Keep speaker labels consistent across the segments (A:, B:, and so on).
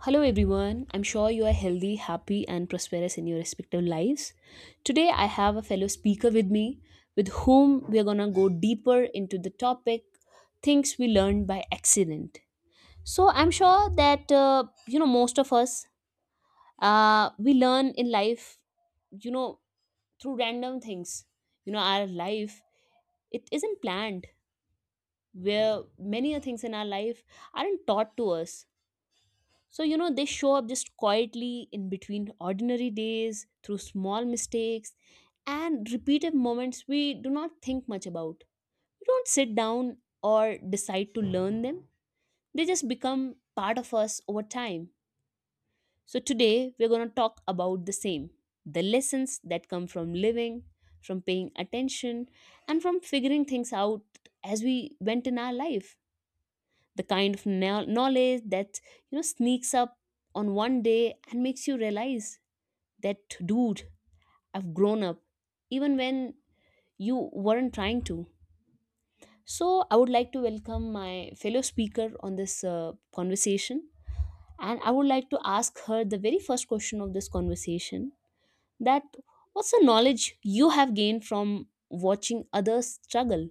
A: Hello everyone, I'm sure you are healthy, happy, and prosperous in your respective lives. Today I have a fellow speaker with me with whom we're gonna go deeper into the topic, things we learned by accident. So I'm sure that you know, most of us, we learn in life, you know, through random things. You know, our life, it isn't planned, where many a things in our life aren't taught to us. So, you know, they show up just quietly in between ordinary days, through small mistakes, and repeated moments we do not think much about. We don't sit down or decide to learn them, they just become part of us over time. So, today we're going to talk about the same, the lessons that come from living, from paying attention, and from figuring things out as we went in our life, the kind of knowledge that, you know, sneaks up on one day and makes you realize that, dude, I've grown up even when you weren't trying to. So I would like to welcome my fellow speaker on this conversation, and I would like to ask her the very first question of this conversation, that what's the knowledge you have gained from watching others struggle?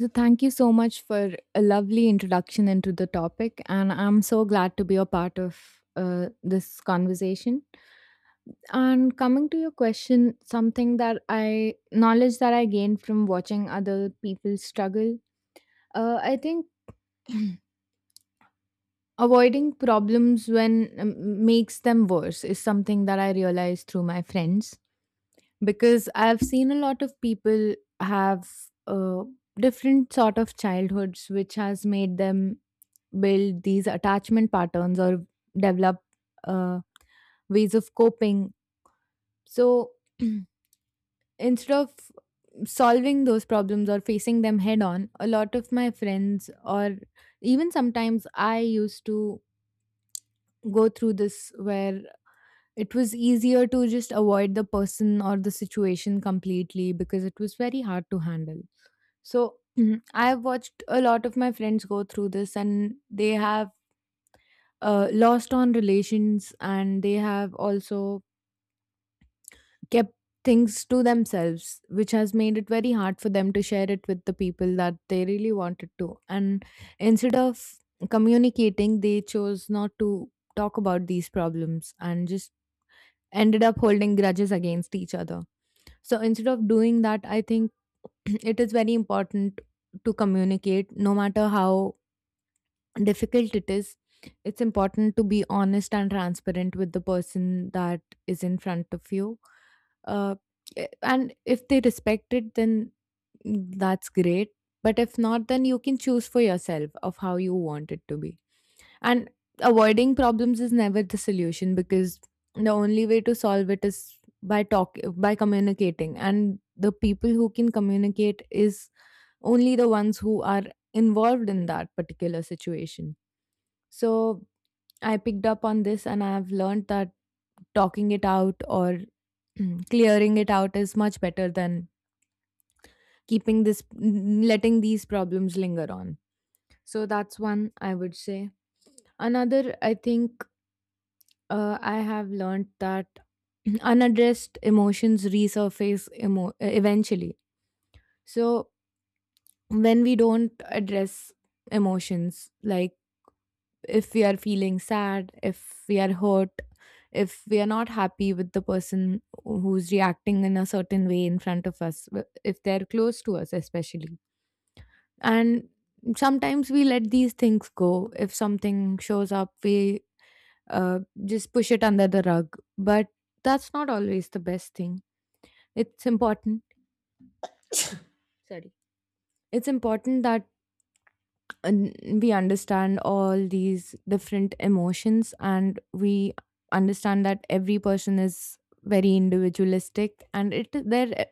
B: So, thank you so much for a lovely introduction into the topic, and I'm so glad to be a part of this conversation. And coming to your question, something that I knowledge that I gained from watching other people struggle, I think avoiding problems when makes them worse is something that I realized through my friends because I've seen a lot of people have uh, different sort of childhoods which has made them build these attachment patterns or develop uh, ways of coping. So instead of solving those problems or facing them head on, a lot of my friends, or even sometimes I used to go through this where it was easier to just avoid the person or the situation completely because it was very hard to handle. So I've watched a lot of my friends go through this and they have lost on relations and they have also kept things to themselves which has made it very hard for them to share it with the people that they really wanted to, and instead of communicating they chose not to talk about these problems and just ended up holding grudges against each other. So instead of doing that I think it is very important to communicate no matter how difficult it is. It's important to be honest and transparent with the person that is in front of you. Uh, eh, and if they respect it then that's great, but if not then you can choose for yourself of how you want it to be. And avoiding problems is never the solution because the only way to solve it is by communicating, and the people who can communicate is only the ones who are involved in that particular situation. So I picked up on this and I've learned that talking it out or clearing it out is much better than keeping this letting these problems linger on. So that's one I would say. Another I think I have learned that unaddressed emotions resurface eventually. So when we don't address emotions like if we are feeling sad, if we are hurt, if we are not happy with the person who's reacting in a certain way in front of us, if they're close to us, especially. And sometimes we let these things go. If something shows up, we just push it under the rug. But that's not always the best thing. It's important. Sorry. It's important that un- we understand all these different emotions and we understand that every person is very individualistic and it their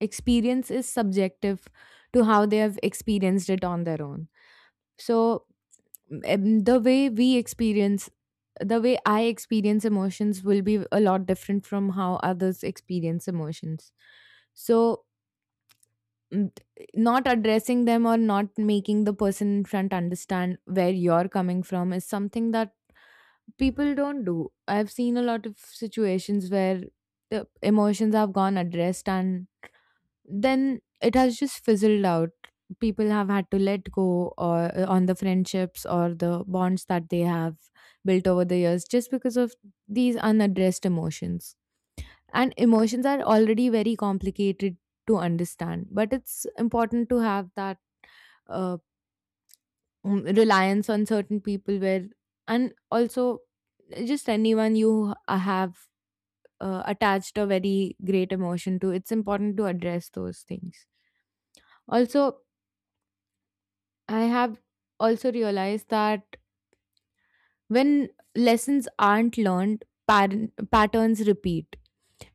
B: experience is subjective to how they have experienced it on their own. So the way I experience emotions will be a lot different from how others experience emotions. So Mm, not addressing them or not making the person in front understand where you're coming from is something that people don't do. I've seen a lot of situations where the emotions have gone addressed and then it has just fizzled out. People have had to let go or on the friendships or the bonds that they have built over the years just because of these unaddressed emotions. And emotions are already very complicated to understand, but it's important to have that uh, reliance on certain people where, and also just anyone you have attached a very great emotion to, it's important to address those things also. I have also realized that when lessons aren't learned, patterns repeat.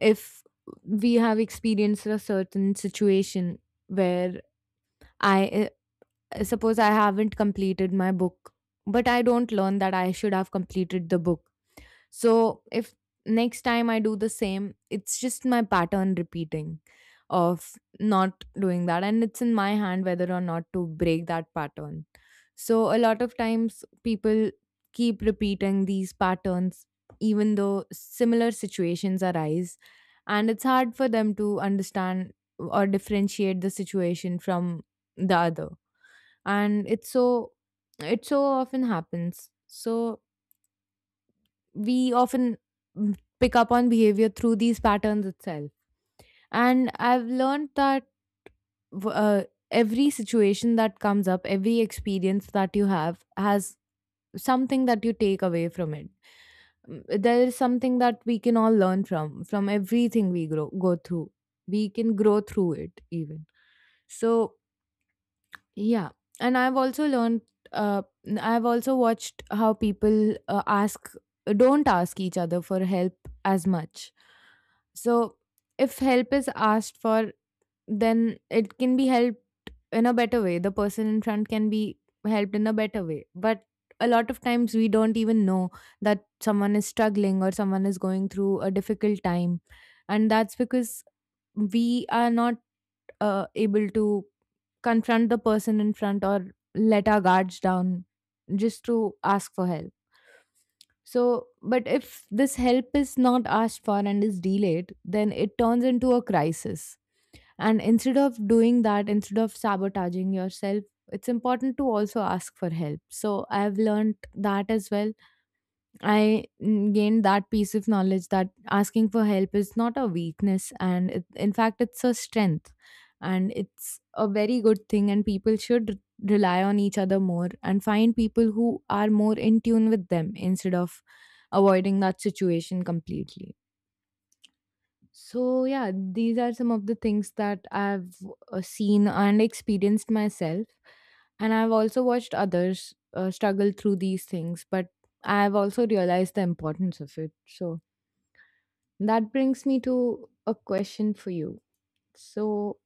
B: If we have experienced a certain situation where I suppose I haven't completed my book, but I don't learn that I should have completed the book. So if next time I do the same, it's just my pattern repeating of not doing that. And it's in my hand whether or not to break that pattern. So a lot of times people keep repeating these patterns even though similar situations arise. And it's hard for them to understand or differentiate the situation from the other. And it so often happens. So we often pick up on behavior through these patterns itself. And I've learned that w- uh, every situation that comes up, every experience that you have, has something that you take away from it. There is something that we can all learn from go through. We can grow through it, even. So, yeah. And I've also learned, uh, I've also watched how people don't ask each other for help as much. So if help is asked for, then it can be helped in a better way. The person in front can be helped in a better way. But a lot of times we don't even know that someone is struggling or someone is going through a difficult time. And that's because we are not able to confront the person in front or let our guards down just to ask for help. So, but if this help is not asked for and is delayed, then it turns into a crisis. And instead of doing that, instead of sabotaging yourself, it's important to also ask for help. So I've learned that as well. I gained that piece of knowledge that asking for help is not a weakness, and it, in fact, it's a strength. And it's a very good thing, and people should rely on each other more and find people who are more in tune with them instead of avoiding that situation completely. So, yeah, these are some of the things that I've seen and experienced myself. And I've also watched others struggle through these things, but I've also realized the importance of it. So, that brings me to a question for you. So,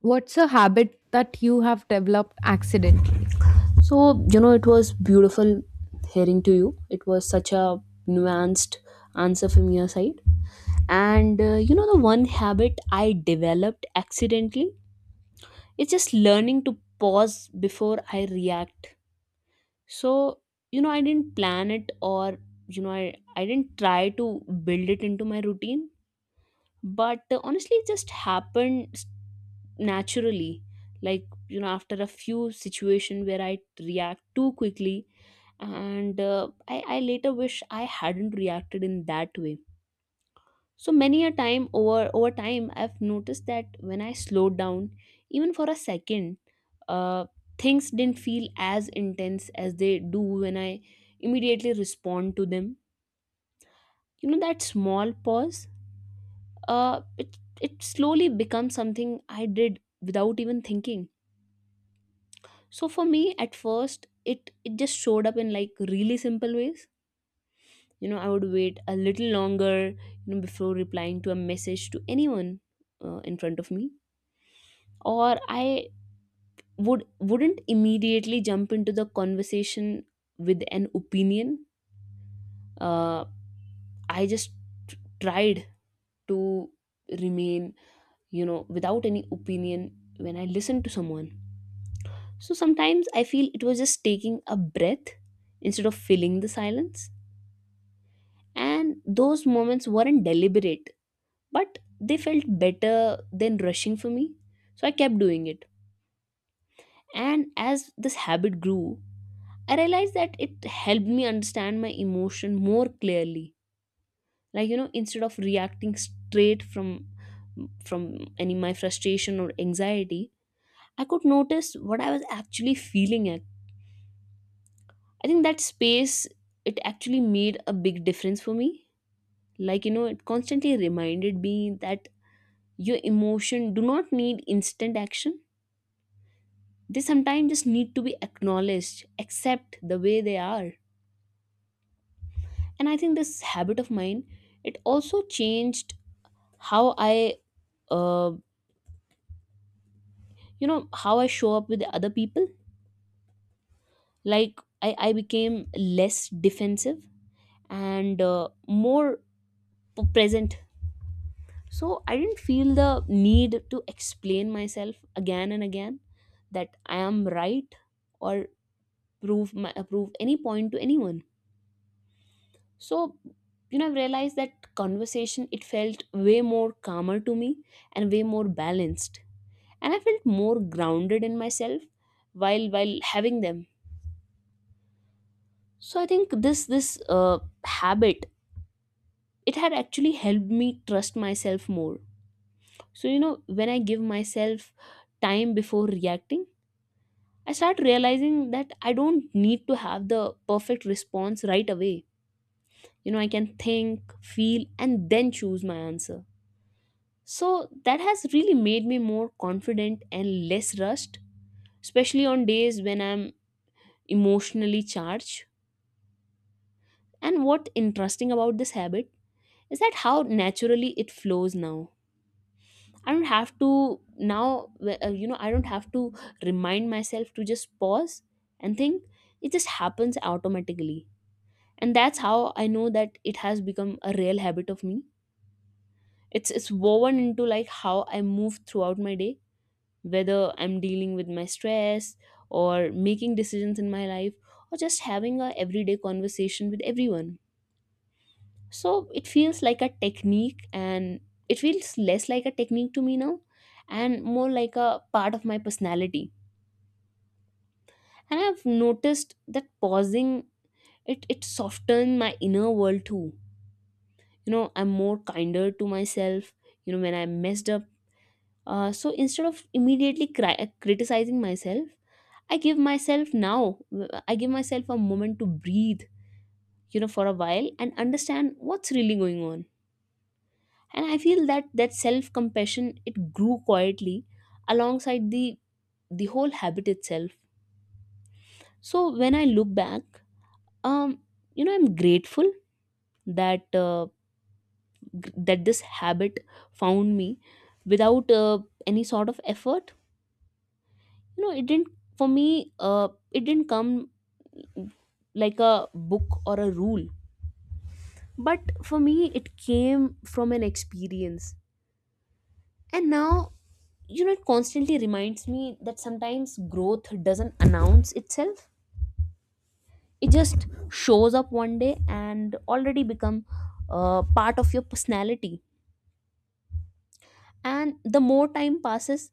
B: what's a habit that you have developed accidentally?
A: So, you know, it was beautiful hearing to you. It was such a nuanced answer from your side. And, you know, the one habit I developed accidentally, it's just learning to pause before I react. So, you know, I didn't plan it or, you know, I didn't try to build it into my routine. But honestly, it just happened naturally. Like, you know, after a few situation where I react too quickly, and I later wish I hadn't reacted in that way. So many a time, over time, I've noticed that when I slowed down, even for a second, uh, things didn't feel as intense as they do when I immediately respond to them. You know, that small pause, it slowly becomes something I did without even thinking. So for me, at first it just showed up in like really simple ways. You know, I would wait a little longer, you know, before replying to a message to anyone in front of me, or I wouldn't immediately jump into the conversation with an opinion. uh, I just tried to remain, you know, without any opinion when I listened to someone. So sometimes I feel it was just taking a breath instead of filling the silence, and those moments weren't deliberate, but they felt better than rushing for me, so I kept doing it. And as this habit grew, I realized that it helped me understand my emotion more clearly. Like, you know, instead of reacting straight from from any my frustration or anxiety, I could notice what I was actually feeling at. I think that space, it actually made a big difference for me. Like, you know, it constantly reminded me that your emotion do not need instant action, they sometimes just need to be acknowledged, accept the way they are. And I think this habit of mine, it also changed how I, uh, you know, how I show up with the other people. Like I became less defensive and more present. So I didn't feel the need to explain myself again and again that I am right, or prove my prove any point to anyone. So, you know, I've realized that conversation, it felt way more calmer to me and way more balanced, and I felt more grounded in myself while having them. So I think this habit, it had actually helped me trust myself more. So, you know, when I give myself time before reacting, I start realizing that I don't need to have the perfect response right away. You know, I can think, feel, and then choose my answer. So that has really made me more confident and less rushed, especially on days when I'm emotionally charged. And what interesting about this habit is that how naturally it flows now. I don't have to now, you know, I don't have to remind myself to just pause and think. It just happens automatically. And that's how I know that it has become a real habit of me. It's woven into like how I move throughout my day, whether I'm dealing with my stress or making decisions in my life, or just having a everyday conversation with everyone. So it feels like a technique and it feels less like a technique to me now, and more like a part of my personality. And I've noticed that pausing, it softens my inner world too. You know, I'm more kinder to myself, you know, when I messed up. So instead of immediately criticizing myself, I give myself now, I give myself a moment to breathe, you know, for a while and understand what's really going on. And I feel that that self compassion, it grew quietly alongside the whole habit itself. So when I look back, um, you know, I'm grateful that that this habit found me without any sort of effort. You know, it didn't for me. It didn't come like a book or a rule, but for me it came from an experience. And now, you know, it constantly reminds me that sometimes growth doesn't announce itself, it just shows up one day and already become part of your personality. And the more time passes,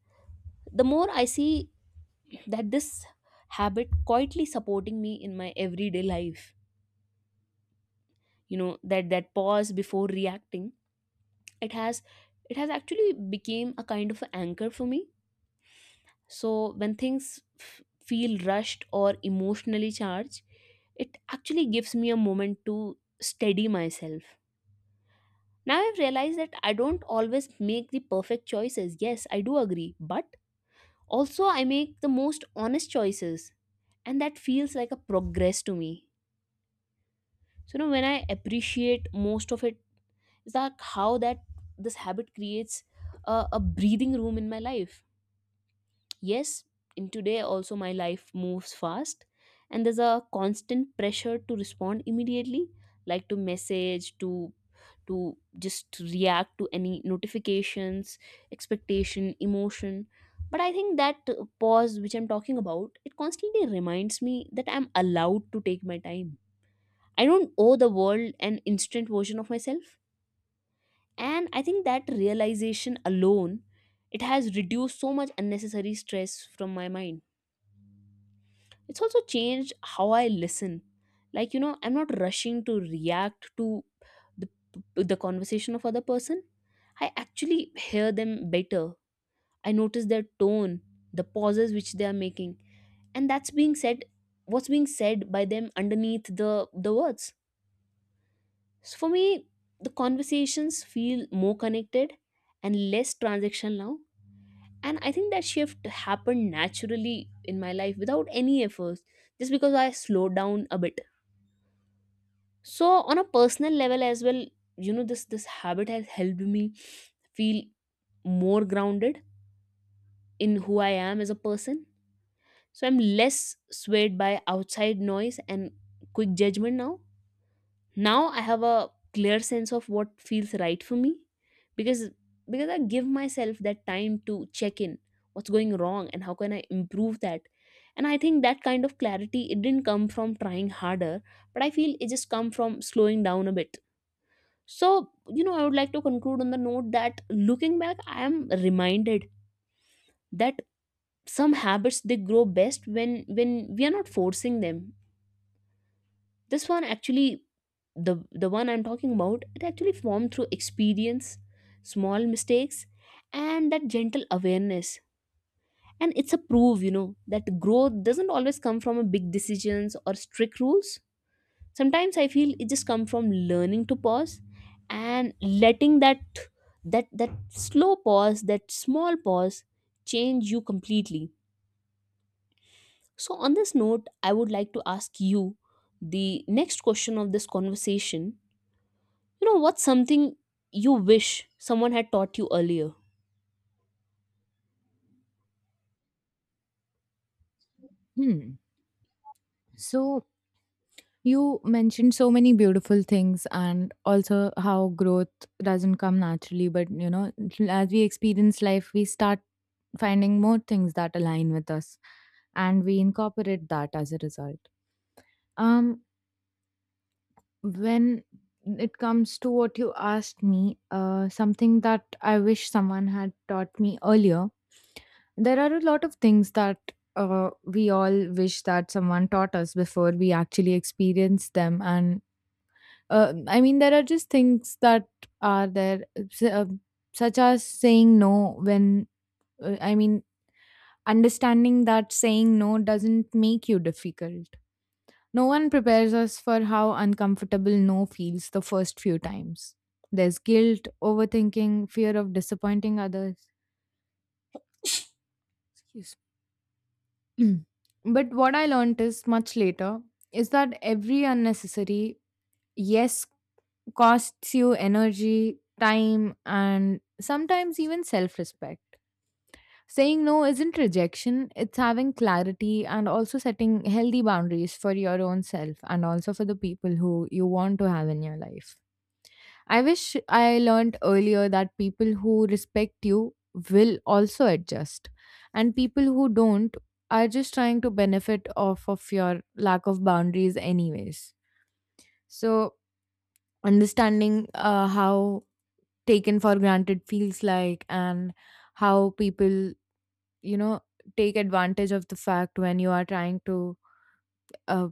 A: the more I see that this habit quietly supporting me in my everyday life. You know, that that pause before reacting, it has it has actually became a kind of an anchor for me. So when things feel rushed or emotionally charged, it actually gives me a moment to steady myself. Now I've realized that I don't always make the perfect choices. Yes, I do agree, but also I make the most honest choices, and that feels like a progress to me. So, you know, when I appreciate most of it, is that how that this habit creates a breathing room in my life. Yes, in today also my life moves fast, and there's a constant pressure to respond immediately, like to message, to just react to any notifications, expectation, emotion. But I think that pause which I'm talking about, it constantly reminds me that I'm allowed to take my time. I don't owe the world an instant version of myself. And I think that realization alone, it has reduced so much unnecessary stress from my mind. It's also changed how I listen. Like, you know, I'm not rushing to react to the, the conversation of other person. I actually hear them better. I notice their tone, the pauses which they are making, and that's being said, what's being said by them underneath the words. So for me, the conversations feel more connected and less transactional now. And I think that shift happened naturally in my life without any efforts, just because I slowed down a bit. So on a personal level as well, you know, this habit has helped me feel more grounded in who I am as a person. So I'm less swayed by outside noise and quick judgment now. Now I have a clear sense of what feels right for me, because I give myself that time to check in what's going wrong and how can I improve that. And I think that kind of clarity, it didn't come from trying harder, but I feel it just come from slowing down a bit. So, you know, I would like to conclude on the note that looking back, I am reminded that some habits, they grow best when we are not forcing them. This one actually, the one I'm talking about, it actually formed through experience, small mistakes, and that gentle awareness. And it's a proof, you know, that growth doesn't always come from a big decisions or strict rules. Sometimes I feel it just comes from learning to pause, and letting that that slow pause, that small pause, change you completely. So on this note, I would like to ask you the next question of this conversation. You know, what's something you wish someone had taught you earlier?
B: Hmm. So you mentioned so many beautiful things and also how growth doesn't come naturally, but you know, as we experience life, we start finding more things that align with us and we incorporate that as a result. Um when it comes to what you asked me, something that I wish someone had taught me earlier, there are a lot of things that we all wish that someone taught us before we actually experience them. And I mean, there are just things that are there, s- uh, such as saying no when, I mean, understanding that saying no doesn't make you difficult. No one prepares us for how uncomfortable no feels the first few times. There's guilt, overthinking, fear of disappointing others. Excuse me. But what I learned is much later is that every unnecessary yes costs you energy, time, and sometimes even self respect. Saying no isn't rejection, it's having clarity and also setting healthy boundaries for your own self and also for the people who you want to have in your life. I wish I learned earlier that people who respect you will also adjust, and people who don't are just trying to benefit off of your lack of boundaries, anyways. So, understanding how taken for granted feels like, and how people, you know, take advantage of the fact when you are trying to uh,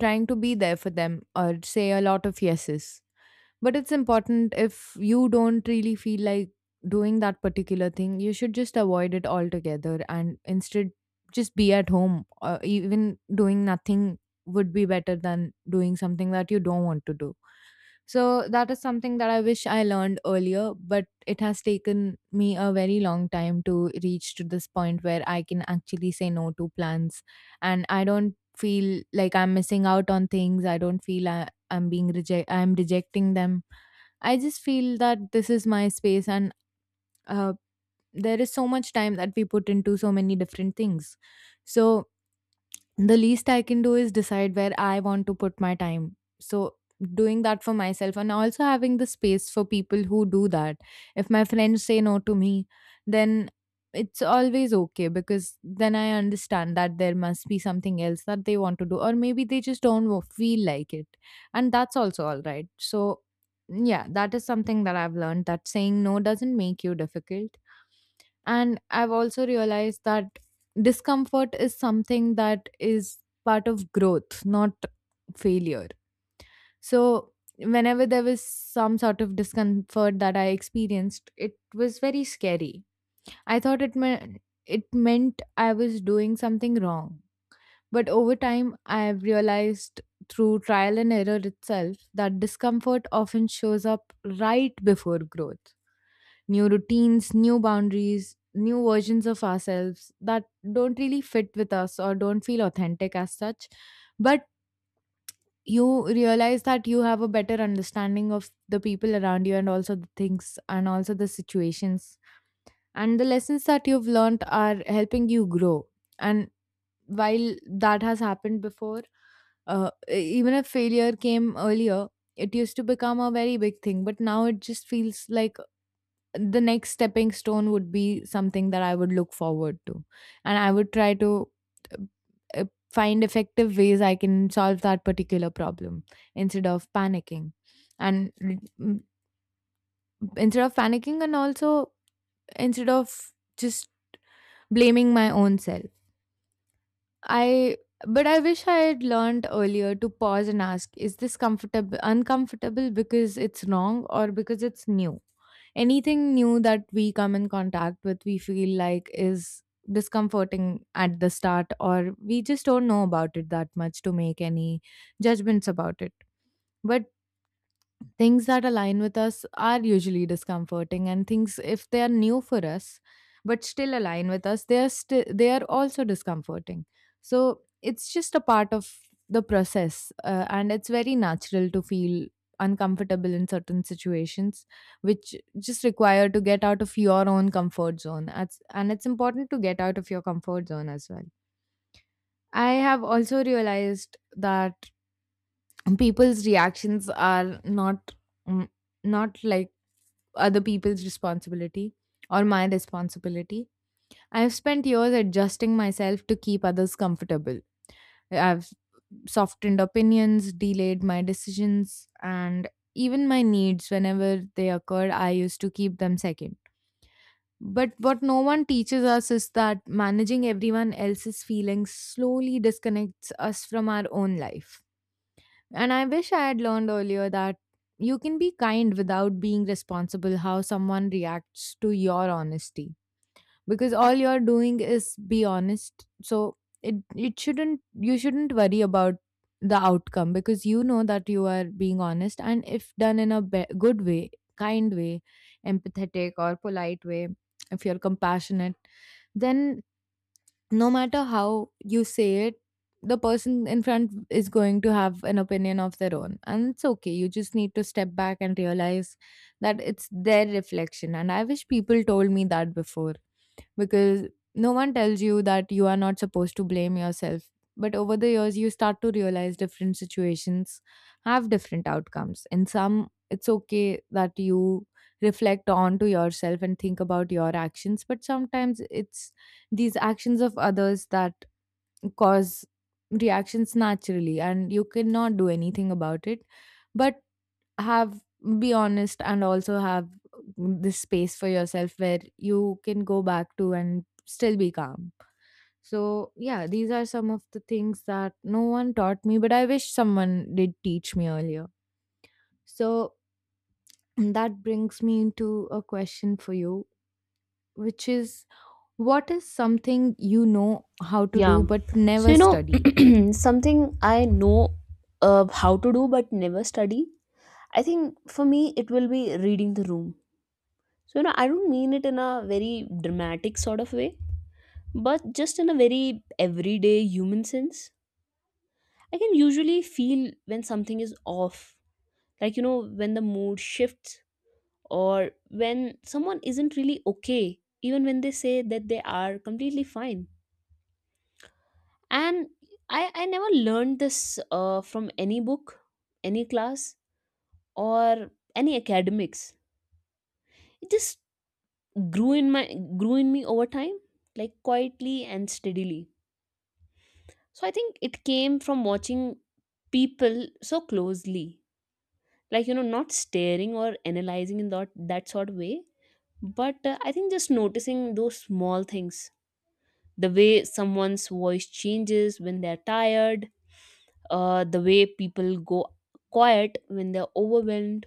B: trying to be there for them or say a lot of yeses. But it's important if you don't really feel like doing that particular thing, you should just avoid it altogether and instead just be at home. Even doing nothing would be better than doing something that you don't want to do. So that is something that I wish I learned earlier, but it has taken me a very long time to reach to this point where I can actually say no to plans and I don't feel like I'm missing out on things. I don't feel I'm rejecting them. I just feel that this is my space, and uh, there is so much time that we put into so many different things. So the least I can do is decide where I want to put my time. So doing that for myself and also having the space for people who do that. If my friends say no to me, then it's always okay because then I understand that there must be something else that they want to do, or maybe they just don't wa- feel like it, and that's also all right. So, yeah, that is something that I've learned, that saying no doesn't make you difficult. And I've also realized that discomfort is something that is part of growth, not failure. So, whenever there was some sort of discomfort that I experienced, it was very scary. I thought it meant I was doing something wrong. But over time, I've realized through trial and error itself that discomfort often shows up right before growth, new routines, new boundaries, new versions of ourselves that don't really fit with us or don't feel authentic as such. But you realize that you have a better understanding of the people around you and also the things and also the situations. And the lessons that you've learned are helping you grow. And while that has happened before, even if failure came earlier, it used to become a very big thing. But now it just feels like the next stepping stone would be something that I would look forward to. And I would try to uh, uh, find effective ways I can solve that particular problem instead of panicking. And l- m- Instead of panicking, and also instead of just blaming my own self. I but I wish I had learned earlier to pause and ask, is this comfortable uncomfortable because it's wrong or because it's new? Anything new that we come in contact with, we feel like is discomforting at the start, or we just don't know about it that much to make any judgments about it. But things that align with us are usually discomforting, and things, if they are new for us, but still align with us, they are also discomforting. So it's just a part of the process, and it's very natural to feel uncomfortable in certain situations, which just require to get out of your own comfort zone. That's, and it's important to get out of your comfort zone as well. I have also realized that people's reactions are not mm, not like other people's responsibility or my responsibility. I've spent years adjusting myself to keep others comfortable. I've softened opinions, delayed my decisions, and even my needs whenever they occurred, I used to keep them second. But what no one teaches us is that managing everyone else's feelings slowly disconnects us from our own life. And I wish I had learned earlier that you can be kind without being responsible how someone reacts to your honesty, because all you're doing is be honest. So it shouldn't you shouldn't worry about the outcome, because you know that you are being honest, and if done in a good way, kind way, empathetic or polite way, if you're compassionate, then no matter how you say it, the person in front is going to have an opinion of their own. And it's okay. You just need to step back and realize that it's their reflection. And I wish people told me that before, because no one tells you that you are not supposed to blame yourself. But over the years, you start to realize different situations have different outcomes. In some, it's okay that you reflect on to yourself and think about your actions, but sometimes it's these actions of others that cause reactions naturally, and you cannot do anything about it, but have, be honest, and also have this space for yourself where you can go back to and still be calm. So yeah, these are some of the things that no one taught me, but I wish someone did teach me earlier. So that brings me into a question for you, which is, what is something you know how to
A: Yeah,
B: do but
A: so,
B: never
A: you
B: studied?
A: know, something I know how to do but never study, I think for me it will be reading the room. So, you know, I don't mean it in a very dramatic sort of way, but just in a very everyday human sense. I can usually feel when something is off, like, you know, when the mood shifts, or when someone isn't really okay, even when they say that they are completely fine. And I never learned this from any book, any class, or any academics. It just grew in my grew in me over time, like quietly and steadily. So I think it came from watching people so closely, like, you know, not staring or analyzing in that sort of way, but I think just noticing those small things, the way someone's voice changes when they're tired, the way people go quiet when they're overwhelmed,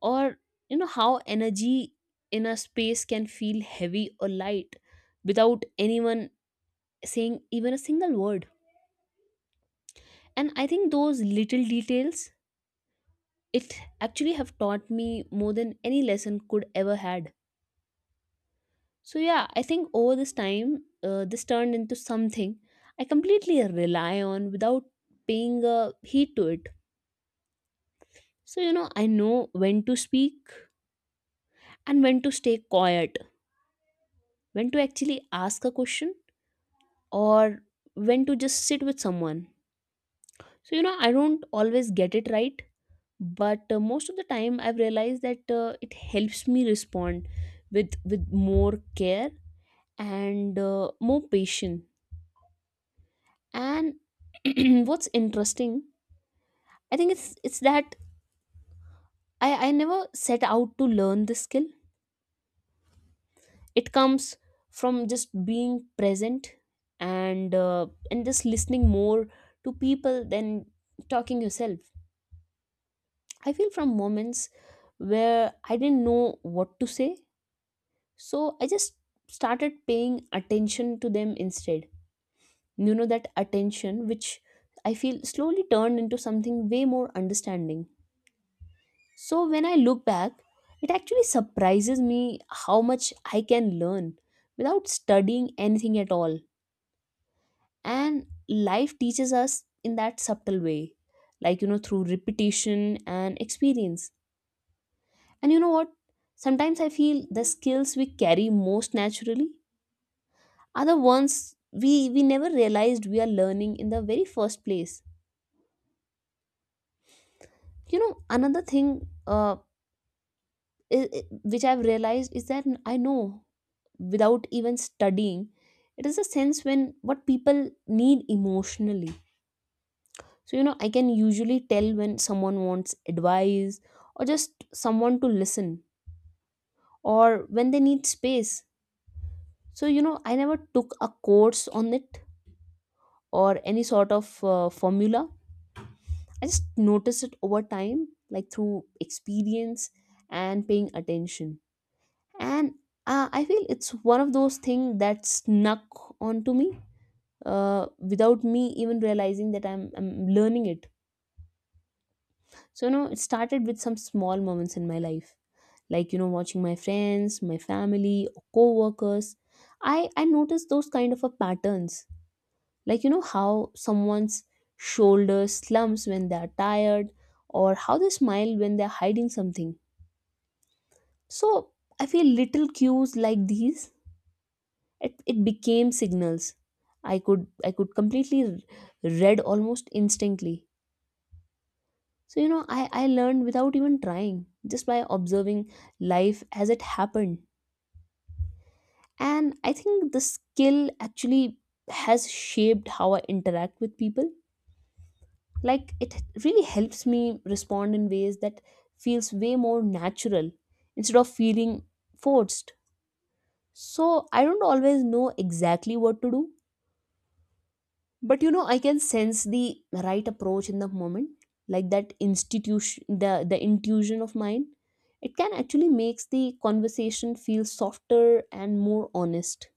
A: or you know how energy in a space can feel heavy or light without anyone saying even a single word. And I think those little details it actually have taught me more than any lesson could ever had. So yeah, I think over this time, this turned into something I completely rely on without paying a heed to it. So you know, I know when to speak and when to stay quiet, when to actually ask a question, or when to just sit with someone. So you know, I don't always get it right, but most of the time I've realized that it helps me respond with more care and more patient. And what's interesting, I think it's that I never set out to learn this skill. It comes from just being present and just listening more to people than talking yourself. I feel from moments where I didn't know what to say, so I just started paying attention to them instead. You know, that attention which I feel slowly turned into something way more understanding. So when I look back, it actually surprises me how much I can learn without studying anything at all. And life teaches us in that subtle way, like you know, through repetition and experience. And you know what, sometimes I feel the skills we carry most naturally are the ones we never realized we are learning in the very first place. You know, another thing, uh, i- i- which I've realized is that I know without even studying, it is a sense when what people need emotionally. So you know, I can usually tell when someone wants advice, or just someone to listen, or when they need space. So you know, I never took a course on it, or any sort of formula. I just noticed it over time, like through experience and paying attention. And I feel it's one of those things that snuck onto me without me even realizing that I'm learning it. So you know, it started with some small moments in my life, like you know, watching my friends, my family, or co-workers. I noticed those kind of a patterns, like you know, how someone's shoulders slumps when they are tired, or how they smile when they're hiding something. So I feel little cues like these, it became signals I could, I could completely read almost instantly. So you know, I learned without even trying, just by observing life as it happened. And I think the skill actually has shaped how I interact with people. Like, it really helps me respond in ways that feels way more natural, instead of feeling forced. So I don't always know exactly what to do, but you know, I can sense the right approach in the moment. Like that institution, the intuition of mine, it can actually makes the conversation feel softer and more honest.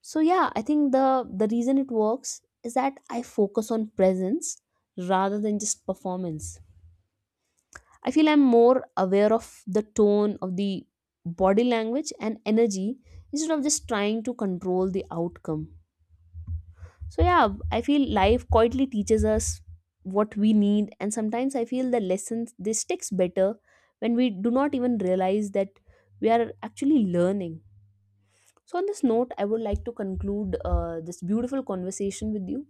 A: So yeah, I think the reason it works is that I focus on presence rather than just performance. I feel I'm more aware of the tone of the body language and energy, instead of just trying to control the outcome. So yeah, I feel life quietly teaches us what we need, and sometimes I feel the lessons they sticks better when we do not even realize that we are actually learning. So on this note, I would like to conclude this beautiful conversation with you.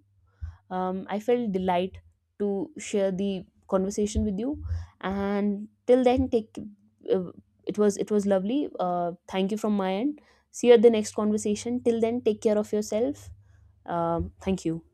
A: I felt delight to share the conversation with you, and till then take uh, it was lovely. Thank you from my end. See you at the next conversation. Till then take care of yourself. Thank you.